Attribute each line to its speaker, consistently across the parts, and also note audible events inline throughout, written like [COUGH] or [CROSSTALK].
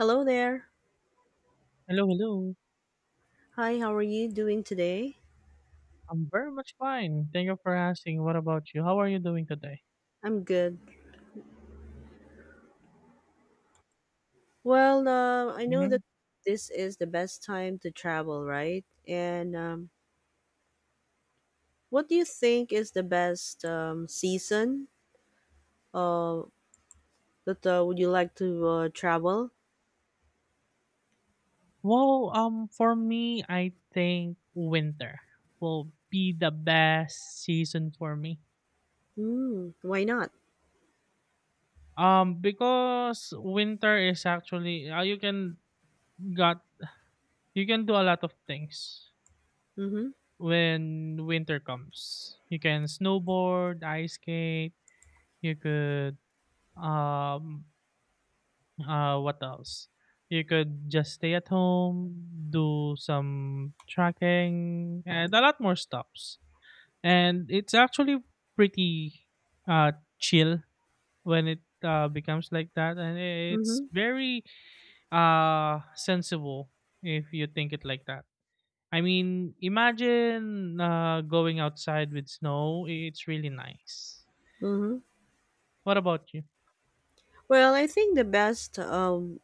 Speaker 1: Hello there.
Speaker 2: Hello, hello.
Speaker 1: Hi, how are you doing today?
Speaker 2: I'm very much fine. Thank you for asking. What about you? How are you doing today?
Speaker 1: I'm good. Well, I know that
Speaker 2: hmm
Speaker 1: this is the best time to travel, right? And What do you think is the best season uh, that would you like to travel?
Speaker 2: Well, for me, I think winter will be the best season for me.
Speaker 1: Mm, why not?
Speaker 2: Because winter is actually you can got you can do a lot of things
Speaker 1: Mm-hmm.
Speaker 2: when winter comes. You can snowboard, ice skate. You could um what else? You could just stay at home, do some tracking, and a lot more stops. And it's actually pretty uh, chill when it becomes like that, and it's
Speaker 1: Mm-hmm.
Speaker 2: very sensible if you think it like that. I mean, imagine going outside with snow. It's really nice.
Speaker 1: Mm-hmm.
Speaker 2: What about you?
Speaker 1: Well, I think the best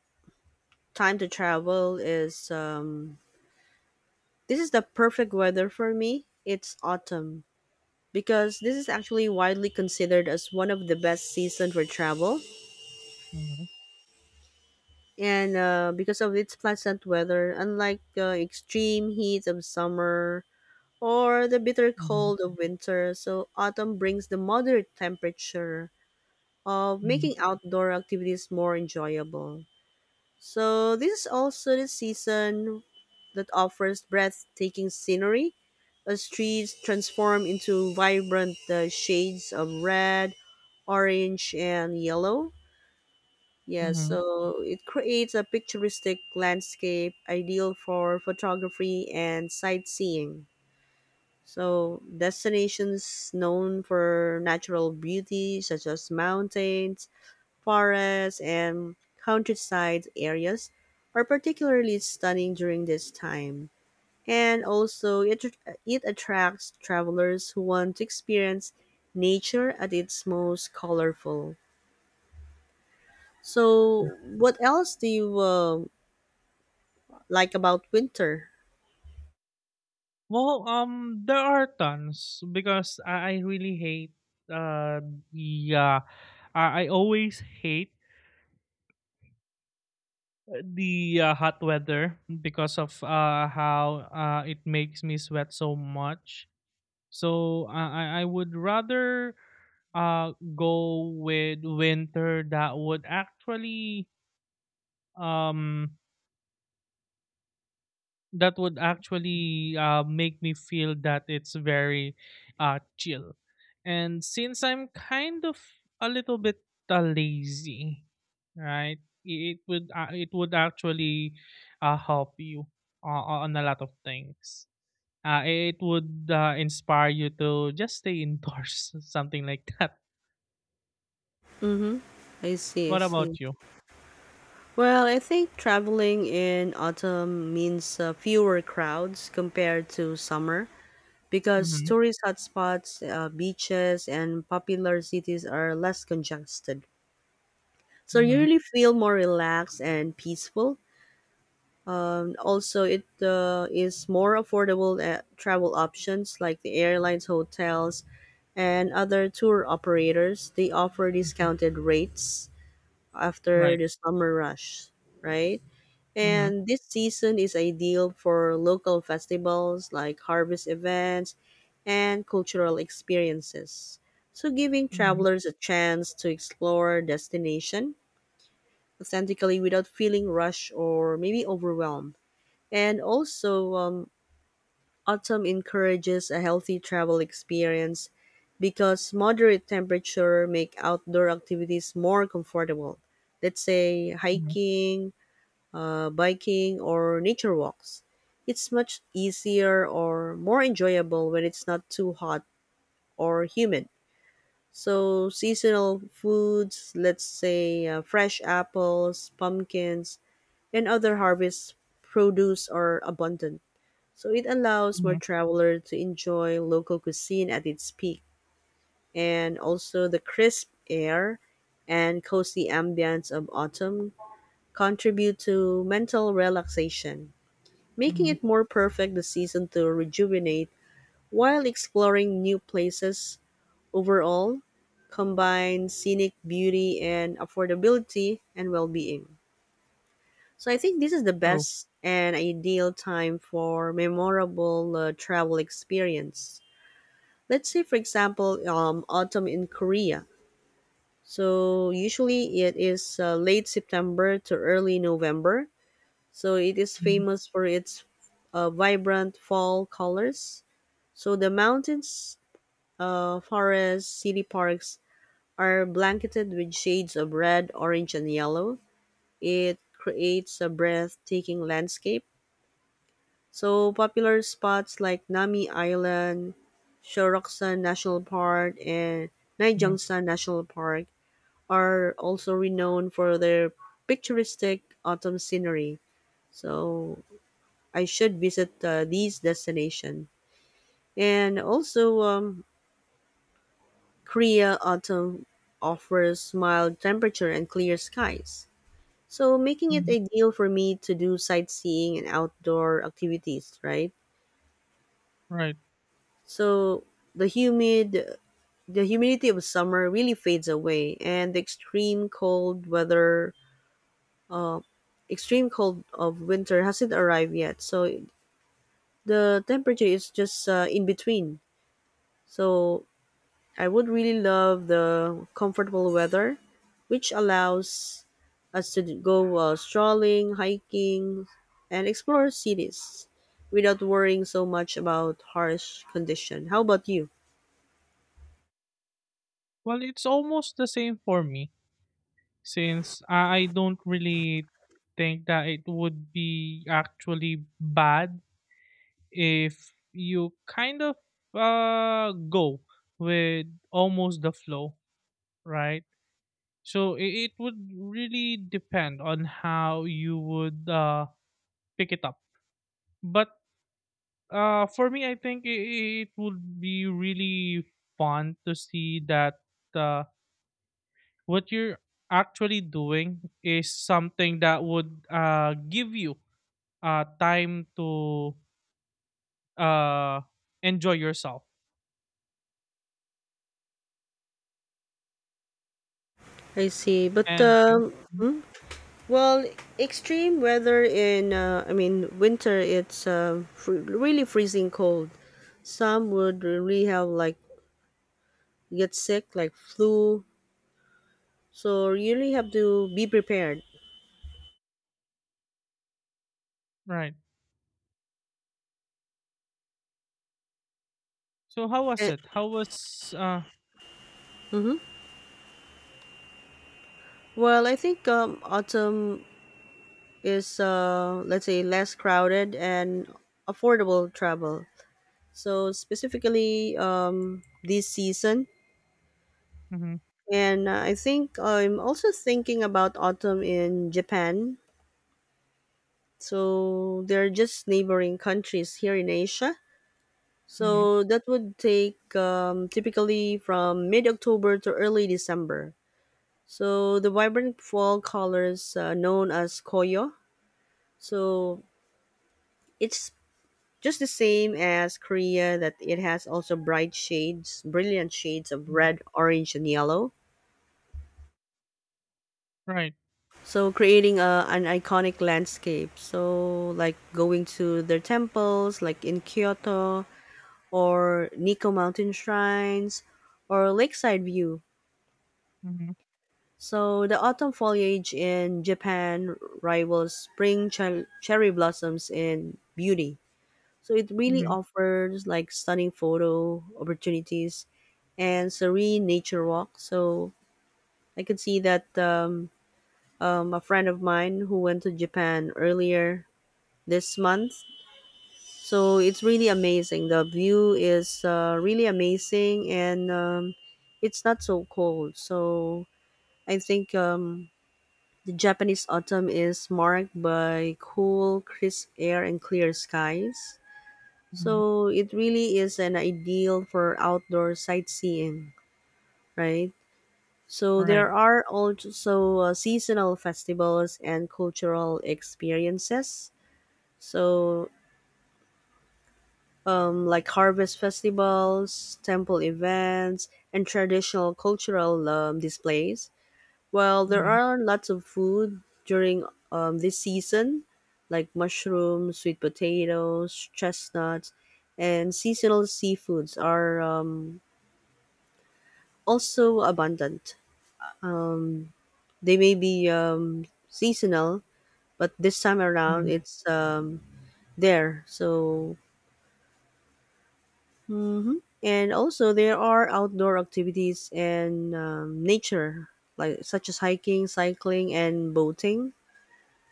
Speaker 1: time to travel is this is the perfect weather for me. It's autumn because this is actually widely considered as one of the best season for travel,
Speaker 2: Mm-hmm,
Speaker 1: and because of its pleasant weather, unlike the extreme heat of summer or the bitter
Speaker 2: mm-hmm,
Speaker 1: cold of winter, so autumn brings the moderate temperature of making outdoor activities more enjoyable. So this is also the season that offers breathtaking scenery. The streets transform into vibrant shades of red, orange, and yellow. Yeah,
Speaker 2: mm-hmm.
Speaker 1: so it creates a picturesque landscape ideal for photography and sightseeing. So destinations known for natural beauty, such as mountains, forests, and countryside areas, are particularly stunning during this time, and also it attracts travelers who want to experience nature at its most colorful. So, what else do you like about winter?
Speaker 2: Well, there are tons because I really hate uh the I always hate the hot weather because of how it makes me sweat so much. So I would rather go with winter um that would actually make me feel that it's very chill. And since I'm kind of a little bit lazy, right? i- it would actually help you on a lot of things. It would inspire you to just stay indoors, [LAUGHS] something like that.
Speaker 1: Mm-hmm. I see, I
Speaker 2: What
Speaker 1: see.
Speaker 2: about you?
Speaker 1: Well, I think traveling in autumn means fewer crowds compared to summer, because
Speaker 2: Mm-hmm.
Speaker 1: tourist hotspots, beaches, and popular cities are less congested. So you
Speaker 2: Mm-hmm.
Speaker 1: really feel more relaxed and peaceful. Also, it is more affordable, travel options like the airlines, hotels, and other tour operators. They offer
Speaker 2: Hmm.
Speaker 1: discounted rates after
Speaker 2: Right.
Speaker 1: the summer rush, right?
Speaker 2: Mm-hmm.
Speaker 1: And this season is ideal for local festivals like harvest events and cultural experiences. So, giving
Speaker 2: Mm-hmm.
Speaker 1: travelers a chance to explore destination authentically without feeling rushed or maybe overwhelmed. And also, autumn encourages a healthy travel experience because moderate temperature make outdoor activities more comfortable. Let's say
Speaker 2: Mm-hmm.
Speaker 1: hiking, biking, or nature walks. It's much easier or more enjoyable when it's not too hot or humid. So seasonal foods, let's say fresh apples, pumpkins, and other harvest produce are abundant. So it allows more
Speaker 2: Mm-hmm.
Speaker 1: travelers to enjoy local cuisine at its peak, and also the crisp air and cozy ambience of autumn contribute to mental relaxation, making
Speaker 2: Mm-hmm.
Speaker 1: it more perfect the season to rejuvenate while exploring new places overall, combine scenic beauty and affordability and well-being. So I think this is the
Speaker 2: True.
Speaker 1: best and ideal time for memorable travel experience. Let's say, for example, autumn in Korea. So usually it is late September to early November. So it is
Speaker 2: Mm-hmm.
Speaker 1: famous for its vibrant fall colors. So the mountains, forests, city parks are blanketed with shades of red, orange, and yellow. It creates a breathtaking landscape. So popular spots like Nami Island, Shoroksan National Park, and
Speaker 2: Mm-hmm.
Speaker 1: Naijiangsan National Park are also renowned for their picturesque autumn scenery. So I should visit these destinations. And also, Korea autumn offers mild temperature and clear skies, so making it
Speaker 2: Mm-hmm.
Speaker 1: ideal for me to do sightseeing and outdoor activities, right?
Speaker 2: Right.
Speaker 1: So the humid The humidity of summer really fades away, and the extreme cold weather, uh, extreme cold of winter hasn't arrived yet. So the temperature is just in between. So I would really love the comfortable weather, which allows us to go strolling, hiking, and explore cities without worrying so much about harsh condition. How about you?
Speaker 2: Well, it's almost the same for me since I don't really think that it would be actually bad if you kind of go with almost the flow, right? So it would really depend on how you would pick it up. But for me, I think it would be really fun to see that. Uh, what you're actually doing is something that would give you time to uh, enjoy yourself
Speaker 1: I see, but
Speaker 2: and you. Mhm.
Speaker 1: well, extreme weather in, I mean, winter, it's really freezing cold. Some would really have like get sick, like flu. So you really have to be prepared.
Speaker 2: Right. So how was
Speaker 1: And,
Speaker 2: it? How was
Speaker 1: well, I think autumn is, let's say, less crowded and affordable travel. So specifically this season.
Speaker 2: hmm
Speaker 1: And I think I'm also thinking about autumn in Japan. So they're just neighboring countries here in Asia.
Speaker 2: hmm
Speaker 1: So that would take typically from mid October to early December. So the vibrant fall colors known as koyo. So it's just the same as Korea that it has also bright shades, brilliant shades of
Speaker 2: hmm
Speaker 1: red, orange, and yellow.
Speaker 2: right?
Speaker 1: So creating a, an iconic landscape. So like going to their temples, like in Kyoto, or Nico Mountain shrines, or lakeside view.
Speaker 2: hmm
Speaker 1: So the autumn foliage in Japan rivals spring cherry blossoms in beauty. So it really
Speaker 2: hmm
Speaker 1: offers like stunning photo opportunities and serene nature walk. So I could see that a friend of mine who went to Japan earlier this month. So it's really amazing. The view is really amazing, and it's not so cold. So I think the Japanese autumn is marked by cool, crisp air and clear skies.
Speaker 2: hmm
Speaker 1: So it really is an ideal for outdoor sightseeing, right? So
Speaker 2: right.
Speaker 1: there are also seasonal festivals and cultural experiences. So like harvest festivals, temple events, and traditional cultural displays. Well, there
Speaker 2: hmm
Speaker 1: are lots of food during this season, like mushrooms, sweet potatoes, chestnuts, and seasonal seafoods are also abundant. Um, they may be seasonal, but this time around
Speaker 2: hmm
Speaker 1: it's there. So hmm. And also, there are outdoor activities and nature, like such as hiking, cycling, and boating.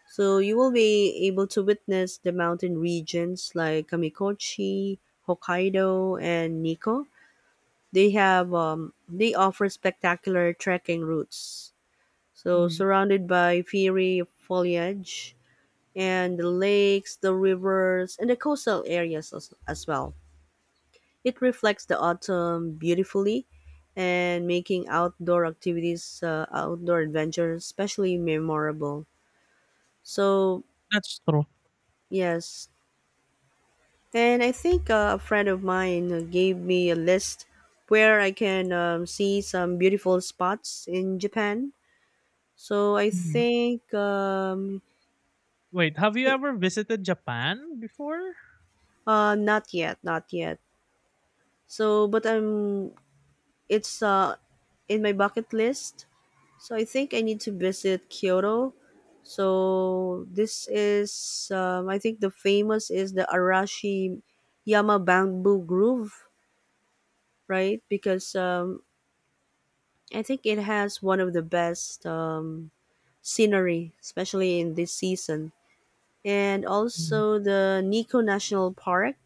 Speaker 1: So you will be able to witness the mountain regions like Kamikochi, Hokkaido, and Nikko. They offer spectacular trekking routes. So
Speaker 2: hmm
Speaker 1: surrounded by fiery foliage and the lakes, the rivers, and the coastal areas as well. It reflects the autumn beautifully, and making outdoor activities, outdoor adventures, especially memorable. So,
Speaker 2: that's true.
Speaker 1: yes. And I think a friend of mine gave me a list where I can see some beautiful spots in Japan. So I
Speaker 2: Mhm.
Speaker 1: think
Speaker 2: Wait, have you
Speaker 1: i-
Speaker 2: ever visited Japan before?
Speaker 1: not yet, not yet. So, but I'm it's in my bucket list. So I think I need to visit Kyoto. So this is, I think the famous is the Arashi Yama Bamboo Grove, right? Because I think it has one of the best scenery, especially in this season. And
Speaker 2: Mm-hmm.
Speaker 1: also the Nikko National Park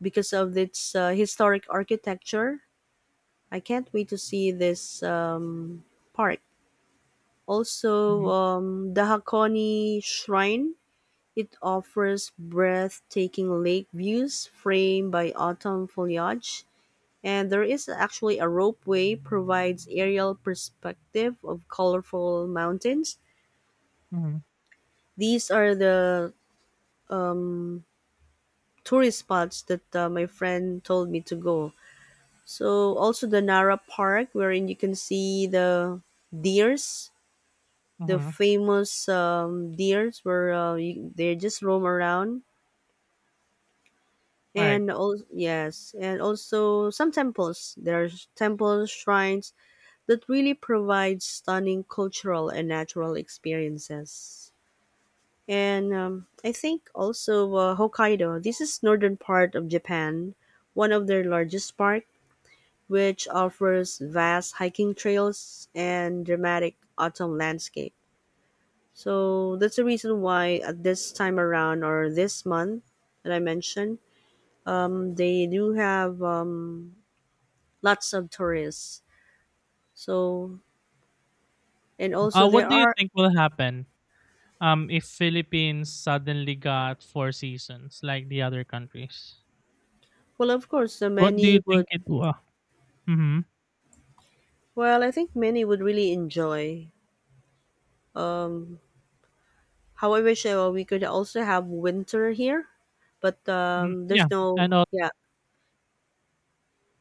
Speaker 1: because of its historic architecture. I can't wait to see this park. Also, the Hakone Shrine. It offers breathtaking lake views framed by autumn foliage, and there is actually a ropeway provides aerial perspective of colorful mountains.
Speaker 2: Mm-hmm.
Speaker 1: These are the um, tourist spots that my friend told me to go. So also the Nara Park, wherein you can see the deers, the
Speaker 2: Hmm.
Speaker 1: famous deers where they just roam around,
Speaker 2: Right.
Speaker 1: and also yes, and also some temples, there's temples shrines that really provide stunning cultural and natural experiences. And I think also Hokkaido, this is northern part of Japan, one of their largest park, which offers vast hiking trails and dramatic autumn landscape. So that's the reason why at this time around or this month that I mentioned they do have lots of tourists. So, and also there
Speaker 2: What do you
Speaker 1: are,
Speaker 2: think will happen if Philippines suddenly got four seasons like the other countries?
Speaker 1: well, of course, the
Speaker 2: What do
Speaker 1: many
Speaker 2: you
Speaker 1: would,
Speaker 2: think it will? Mm-hmm.
Speaker 1: well, I think many would really enjoy. Um, how I wish we could also have winter here, but
Speaker 2: Mm, yeah,
Speaker 1: there's no,
Speaker 2: and all.
Speaker 1: yeah,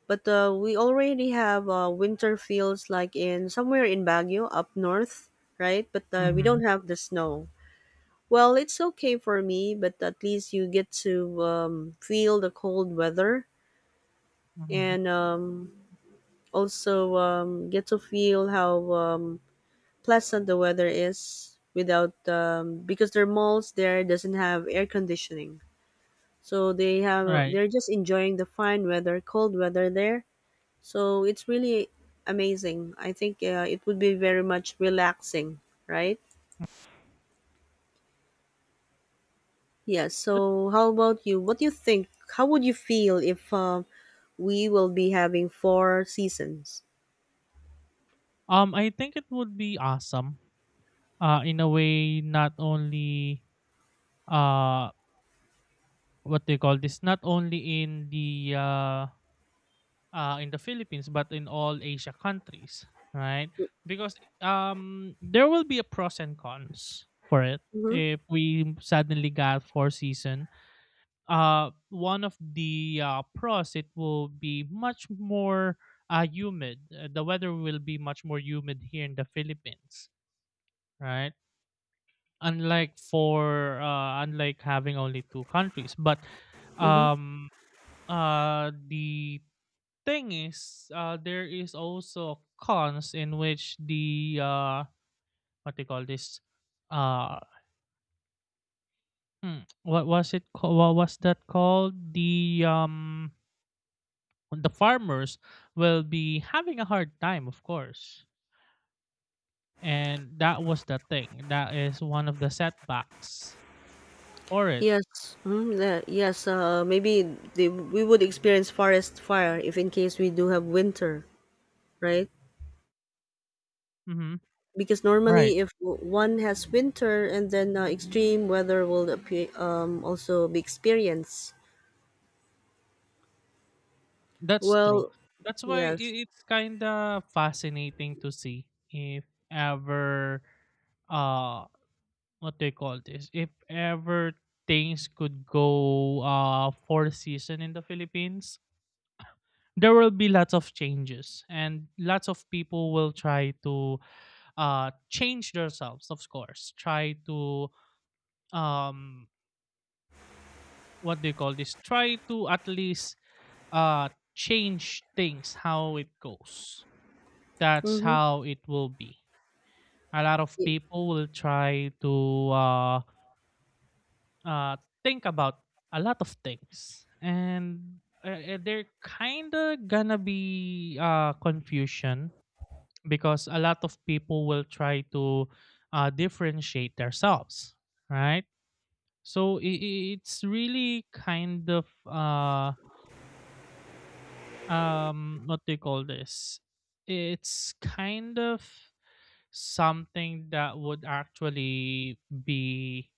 Speaker 1: but we already have winter fields like in somewhere in Baguio up north, right? But we
Speaker 2: Mm-hmm.
Speaker 1: don't have the snow. Well, it's okay for me, but at least you get to feel the cold weather,
Speaker 2: Mm-hmm.
Speaker 1: and also get to feel how pleasant the weather is without because their malls there doesn't have air conditioning, so they have
Speaker 2: Right.
Speaker 1: they're just enjoying the fine weather cold weather there, so it's really amazing. I think it would be very much relaxing, right? Yeah, so how about you, what do you think, how would you feel if um, we will be having four seasons?
Speaker 2: I think it would be awesome. In a way, not only uh, what they call this, not only in the Philippines, but in all Asia countries, right? Because there will be a pros and cons for it
Speaker 1: Mm-hmm.
Speaker 2: if we suddenly got four season. Uh, one of the pros, it will be much more humid. The weather will be much more humid here in the Philippines, right? Unlike for unlike having only two countries, but
Speaker 1: Mm-hmm.
Speaker 2: um the thing is there is also cons in which the what they call this uh hmm, what was it called? What was that called? The the farmers will be having a hard time, of course. And that was the thing. That is one of the setbacks for it.
Speaker 1: Yes, mm, the, yes. Maybe they, we would experience forest fire if in case we do have winter, right?
Speaker 2: Mm-hmm.
Speaker 1: Because
Speaker 2: Right.
Speaker 1: normally, if one has winter, and then extreme weather will appear, also be experienced.
Speaker 2: That's true.
Speaker 1: Well,
Speaker 2: That's why
Speaker 1: yes.
Speaker 2: it's kind of fascinating to see if ever, uh, what do you call this? If ever things could go for season in the Philippines, there will be lots of changes and lots of people will try to change themselves, of course. Try to um what do you call this try to at least uh change things how it goes. That's
Speaker 1: Mm-hmm.
Speaker 2: how it will be. A lot of people will try to uh think about a lot of things, and they're kind of gonna be confusion because a lot of people will try to differentiate themselves, right? So it's really kind of what do you call this? It's kind of something that would actually be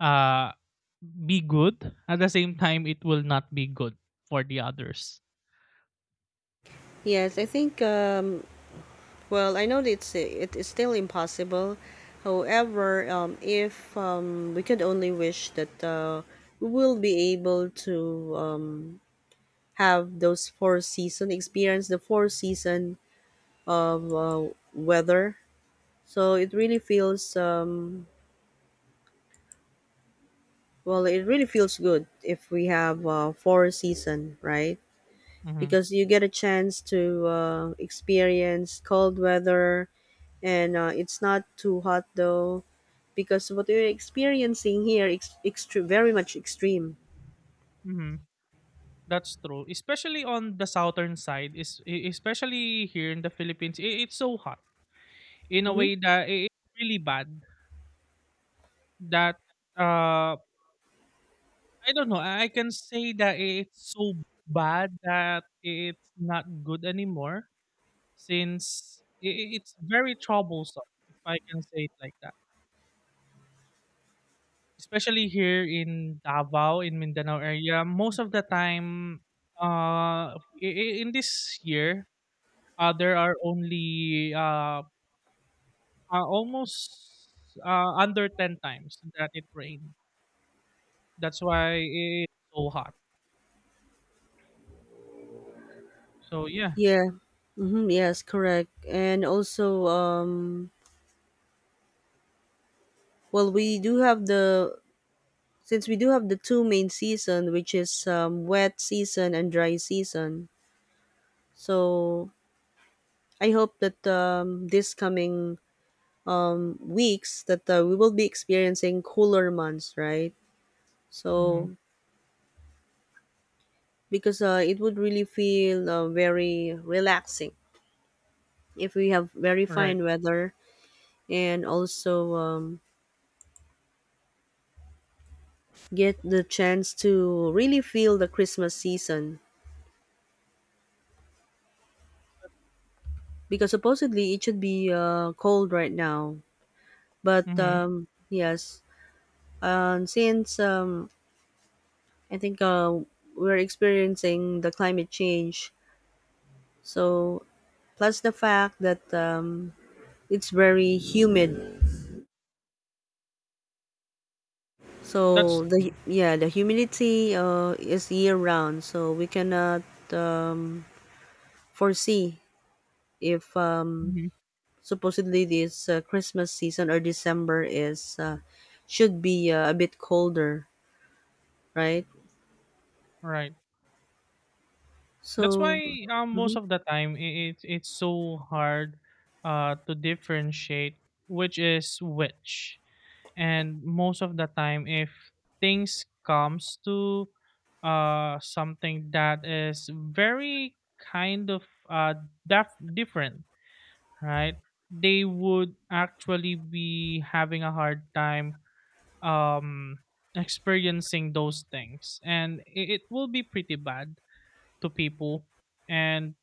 Speaker 2: uh be good. At the same time, it will not be good for the others.
Speaker 1: Yes, I think. Well, I know that it's it is still impossible. However, if we could only wish that we will be able to um, have those four season experience the four season of weather, so it really feels um, well it really feels good if we have four season, right?
Speaker 2: Mm-hmm.
Speaker 1: Because you get a chance to experience cold weather, and it's not too hot though, because what we're experiencing here is very much extreme.
Speaker 2: Mm-hmm. That's true. Especially on the southern side, is especially here in the Philippines, it's so hot. In a
Speaker 1: Hmm.
Speaker 2: way that it's really bad that uh I don't know. I can say that it's so bad that it's not good anymore, since it's very troublesome if I can say it like that. Especially here in Davao in Mindanao area, most of the time uh i- in this year there are only almost under 10 times that it rained. That's why it's so hot. So yeah,
Speaker 1: Yeah. Mm-hmm, yes, correct. And also, well, we do have the Since we do have the two main season, which is wet season and dry season. So I hope that this coming weeks that we will be experiencing cooler months, right?
Speaker 2: mhm,
Speaker 1: So because it would really feel very relaxing if we have very
Speaker 2: right,
Speaker 1: fine weather, and also get the chance to really feel the Christmas season, because supposedly it should be cold right now, but
Speaker 2: mhm,
Speaker 1: yes. And since I think we're experiencing the climate change, so plus the fact that it's very humid, so
Speaker 2: that's
Speaker 1: the humidity is year round, so we cannot um, foresee if
Speaker 2: mhm,
Speaker 1: supposedly this Christmas season or December is should be a bit colder, right?
Speaker 2: right. That's
Speaker 1: So.
Speaker 2: why most
Speaker 1: mhm,
Speaker 2: of the time I it's so hard to differentiate which is which, and most of the time if things comes to something that is very kind of uh different, right? They would actually be having a hard time um experiencing those things, and it will be pretty bad to people and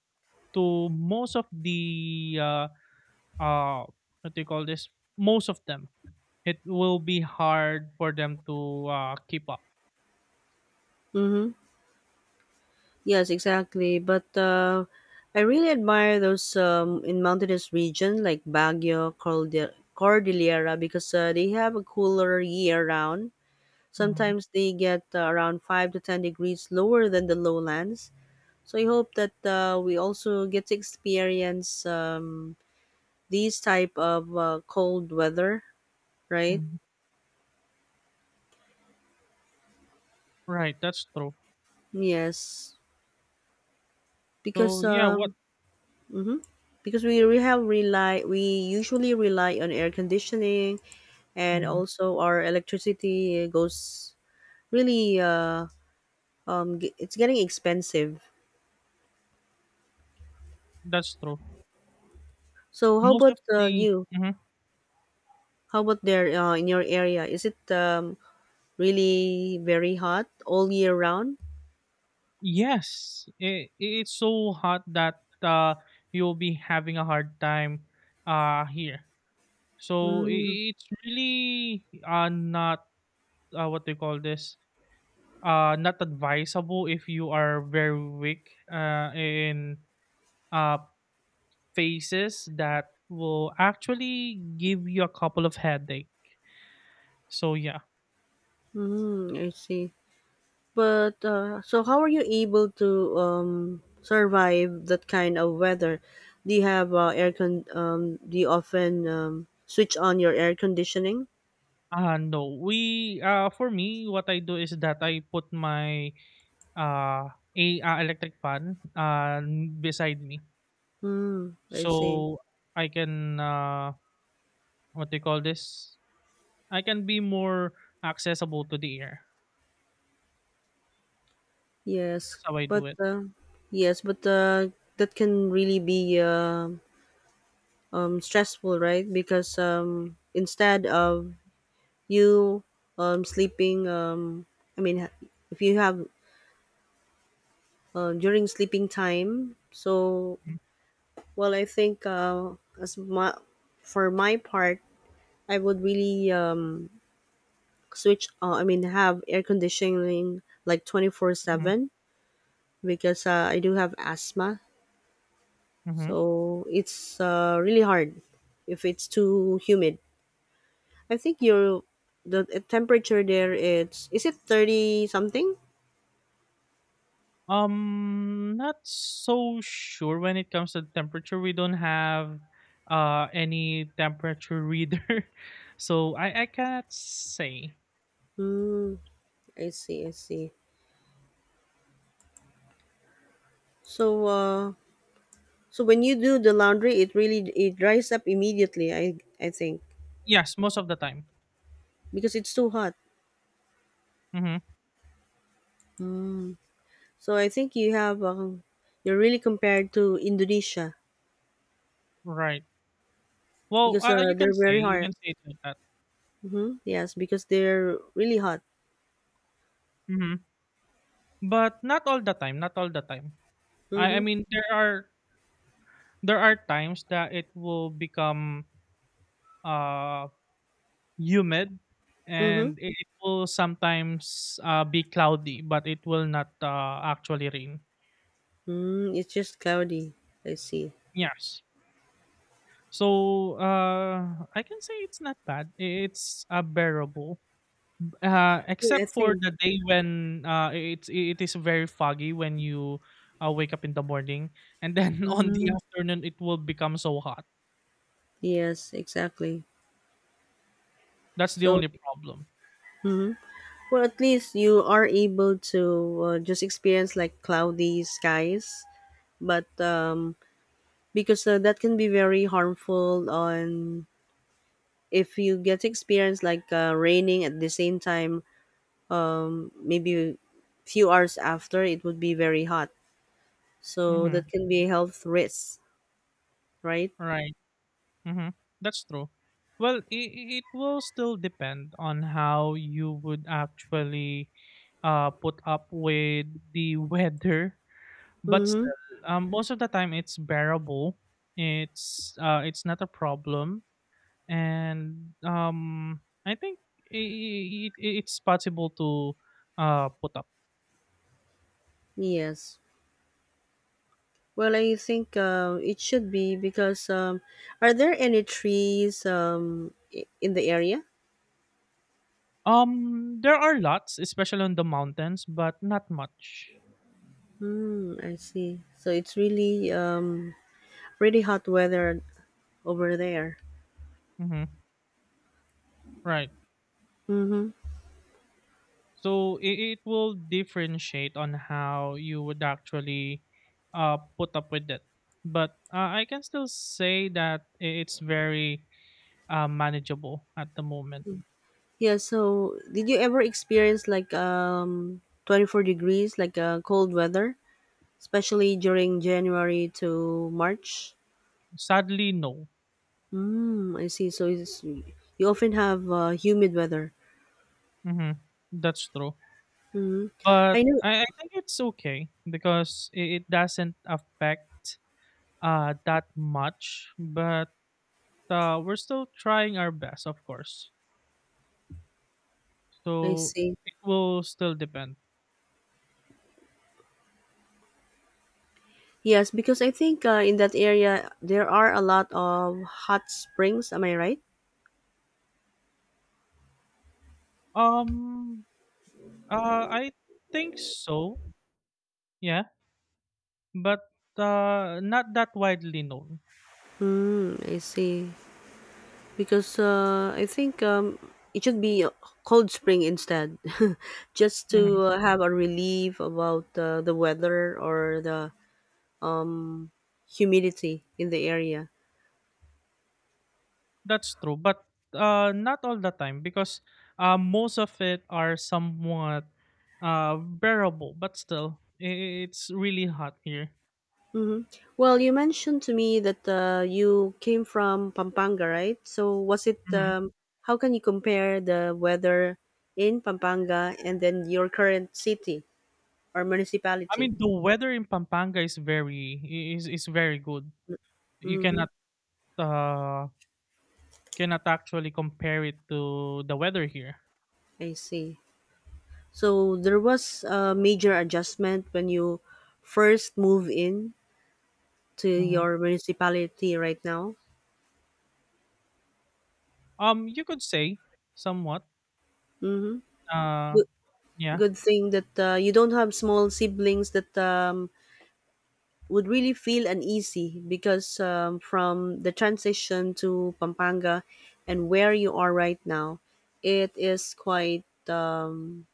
Speaker 2: to most of the uh what do you call this most of them, it will be hard for them to keep up.
Speaker 1: mhm. Yes, exactly. But I really admire those in mountainous region like Baguio, Cordillera, because they have a cooler year round.
Speaker 2: Hmm.
Speaker 1: Sometimes they get around 5 to 10 degrees lower than the lowlands. So I hope that we also get to experience these type of cold weather, right?
Speaker 2: Right. That's true.
Speaker 1: Yes,
Speaker 2: So
Speaker 1: because
Speaker 2: yeah, what,
Speaker 1: mhm. because we usually rely on air conditioning, and
Speaker 2: mhm,
Speaker 1: also our electricity goes really it's getting expensive.
Speaker 2: that's true,
Speaker 1: So how
Speaker 2: most
Speaker 1: about
Speaker 2: of the,
Speaker 1: you,
Speaker 2: mhm,
Speaker 1: how about there in your area, is it really very hot all year round?
Speaker 2: yes, it's so hot that you'll be having a hard time here. So,
Speaker 1: Mm,
Speaker 2: I it's really, not, what do you call this, not advisable if you are very weak, uh, phases that will actually give you a couple of headache. So, yeah.
Speaker 1: mm, I see. But so how are you able to survive that kind of weather? Do you have air con, do you often switch on your air conditioning?
Speaker 2: No, for me, what I do is that I put my, uh, electric fan, beside me.
Speaker 1: Mm, I see.
Speaker 2: So, I can, what do you call this? I can be more accessible to the air.
Speaker 1: Yes,
Speaker 2: That's how I
Speaker 1: but
Speaker 2: do it.
Speaker 1: uh, yes, but that can really be stressful, right? Because instead of you sleeping, I mean, ha- if you have during sleeping time, so
Speaker 2: Mhm,
Speaker 1: well, I think as my for my part, I would really switch. I mean, have air conditioning like twenty four
Speaker 2: mhm,
Speaker 1: seven because I do have asthma.
Speaker 2: mhm.
Speaker 1: So it's really hard if it's too humid. I think your the temperature there, it's, is it 30 something?
Speaker 2: Not so sure when it comes to temperature. We don't have any temperature reader, [LAUGHS] so I can't say.
Speaker 1: Hmm, I see, I see. So uh, so when you do the laundry, it really, it dries up immediately, I think,
Speaker 2: Yes, most of the time.
Speaker 1: because it's too hot.
Speaker 2: Mm-hmm.
Speaker 1: So I think you have you're really, compared to Indonesia,
Speaker 2: Right. Well,
Speaker 1: because they're very
Speaker 2: you
Speaker 1: hot.
Speaker 2: can say it like that.
Speaker 1: Mm-hmm. Yes, because they're really hot.
Speaker 2: Mm-hmm. But not all the time. Not all the time. I
Speaker 1: Mm-hmm.
Speaker 2: mean, there are times that it will become uh humid,
Speaker 1: Mm-hmm.
Speaker 2: and it will sometimes be cloudy but it will not actually rain.
Speaker 1: Mm, it's just cloudy. I see.
Speaker 2: Yes, so I can say it's not bad, it's bearable,
Speaker 1: Yeah, I
Speaker 2: except for
Speaker 1: think,
Speaker 2: the day when it is very foggy when you wake up in the morning and then [LAUGHS] on the afternoon it will become so hot.
Speaker 1: yes, exactly.
Speaker 2: That's the
Speaker 1: So,
Speaker 2: only problem.
Speaker 1: well, at least you are able to just experience like cloudy skies, but because that can be very harmful on, if you get to experience like raining at the same time, maybe few hours after it would be very hot. So
Speaker 2: Mm-hmm.
Speaker 1: that can be a health risk, right?
Speaker 2: Right. Mm-hmm. That's true. Well, it will still depend on how you would actually put up with the [LAUGHS] weather. But
Speaker 1: Mm-hmm.
Speaker 2: still, most of the time it's bearable. It's not a problem, and I think it's possible to put up.
Speaker 1: Yes. Well, I think it should be, because are there any trees in the area?
Speaker 2: There are lots, especially on the mountains, but not much.
Speaker 1: Mm, I see. So it's really pretty hot weather over there.
Speaker 2: Mm-hmm. Right. So it will differentiate on how you would actually put up with it. But I can still say that it's very manageable at the moment.
Speaker 1: Yeah. So did you ever experience like 24 degrees, like cold weather, especially during January to March?
Speaker 2: Sadly, no.
Speaker 1: Mm, I see. So it's, you often have humid weather.
Speaker 2: Hmm. That's true. But
Speaker 1: I know.
Speaker 2: I think it's okay because it doesn't affect that much. But we're still trying our best, of course.
Speaker 1: I
Speaker 2: So
Speaker 1: see.
Speaker 2: it will still depend.
Speaker 1: Yes, because I think in that area there are a lot of hot springs. Am I right?
Speaker 2: Um, I think so. Yeah, but not that widely known.
Speaker 1: Hmm. I see. Because I think it should be a cold spring instead, [LAUGHS] just
Speaker 2: Mhm.
Speaker 1: to have a relief about the weather or the humidity in the area.
Speaker 2: That's true, but not all the time because most of it are somewhat bearable. But still, it's really hot here.
Speaker 1: Hmm. Well, you mentioned to me that you came from Pampanga, right? So was it?
Speaker 2: Mhm.
Speaker 1: How can you compare the weather in Pampanga and then your current city? Or
Speaker 2: I
Speaker 1: municipality.
Speaker 2: mean, the weather in Pampanga is very is very good. You
Speaker 1: Mm-hmm.
Speaker 2: cannot uh, cannot actually compare it to the weather here.
Speaker 1: I see. So there was a major adjustment when you first move in to
Speaker 2: Mhm.
Speaker 1: your municipality right now.
Speaker 2: You could say somewhat. Uh,
Speaker 1: Good,
Speaker 2: yeah.
Speaker 1: good thing that you don't have small siblings that would really feel uneasy, because from the transition to Pampanga and where you are right now, it is quite.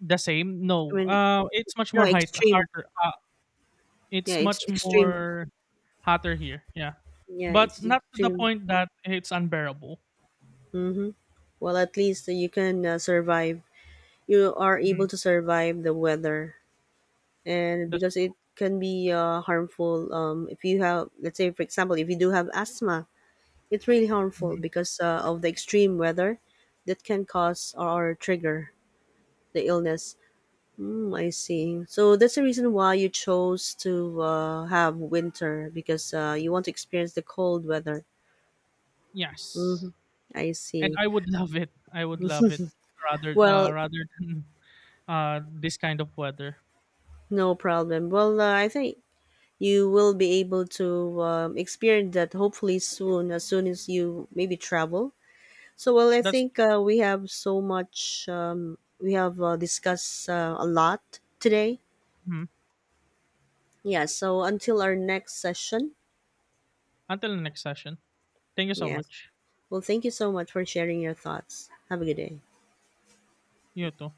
Speaker 2: The same?
Speaker 1: I
Speaker 2: No.
Speaker 1: mean,
Speaker 2: It's much
Speaker 1: no
Speaker 2: more height
Speaker 1: extreme.
Speaker 2: harder.
Speaker 1: Yeah,
Speaker 2: It's
Speaker 1: it's
Speaker 2: much
Speaker 1: extreme.
Speaker 2: more hotter here. Yeah,
Speaker 1: Yeah,
Speaker 2: but
Speaker 1: it's
Speaker 2: not to the
Speaker 1: extreme.
Speaker 2: point that it's unbearable.
Speaker 1: Well, at least you can survive. You are
Speaker 2: Mhm.
Speaker 1: able to survive the weather, and
Speaker 2: That's
Speaker 1: because it can be harmful. If you have, let's say, for example, if you do have asthma, it's really harmful
Speaker 2: mhm.
Speaker 1: because of the extreme weather that can cause or trigger the illness. Mm, I see. So that's the reason why you chose to have winter, because you want to experience the cold weather.
Speaker 2: Yes,
Speaker 1: I
Speaker 2: and
Speaker 1: see.
Speaker 2: I would [LAUGHS] love it. I would love it rather
Speaker 1: Well,
Speaker 2: rather than [LAUGHS] this kind of weather.
Speaker 1: no problem. Well, I think you will be able to experience that hopefully soon, as soon as you maybe travel. So well, I
Speaker 2: That's
Speaker 1: think
Speaker 2: true.
Speaker 1: we have so much, we have discussed a lot today.
Speaker 2: Mhm.
Speaker 1: Yeah, so until our next session.
Speaker 2: Until the next session. Thank you so
Speaker 1: Yes,
Speaker 2: much.
Speaker 1: well, thank you so much for sharing your thoughts. Have a good day.
Speaker 2: You too.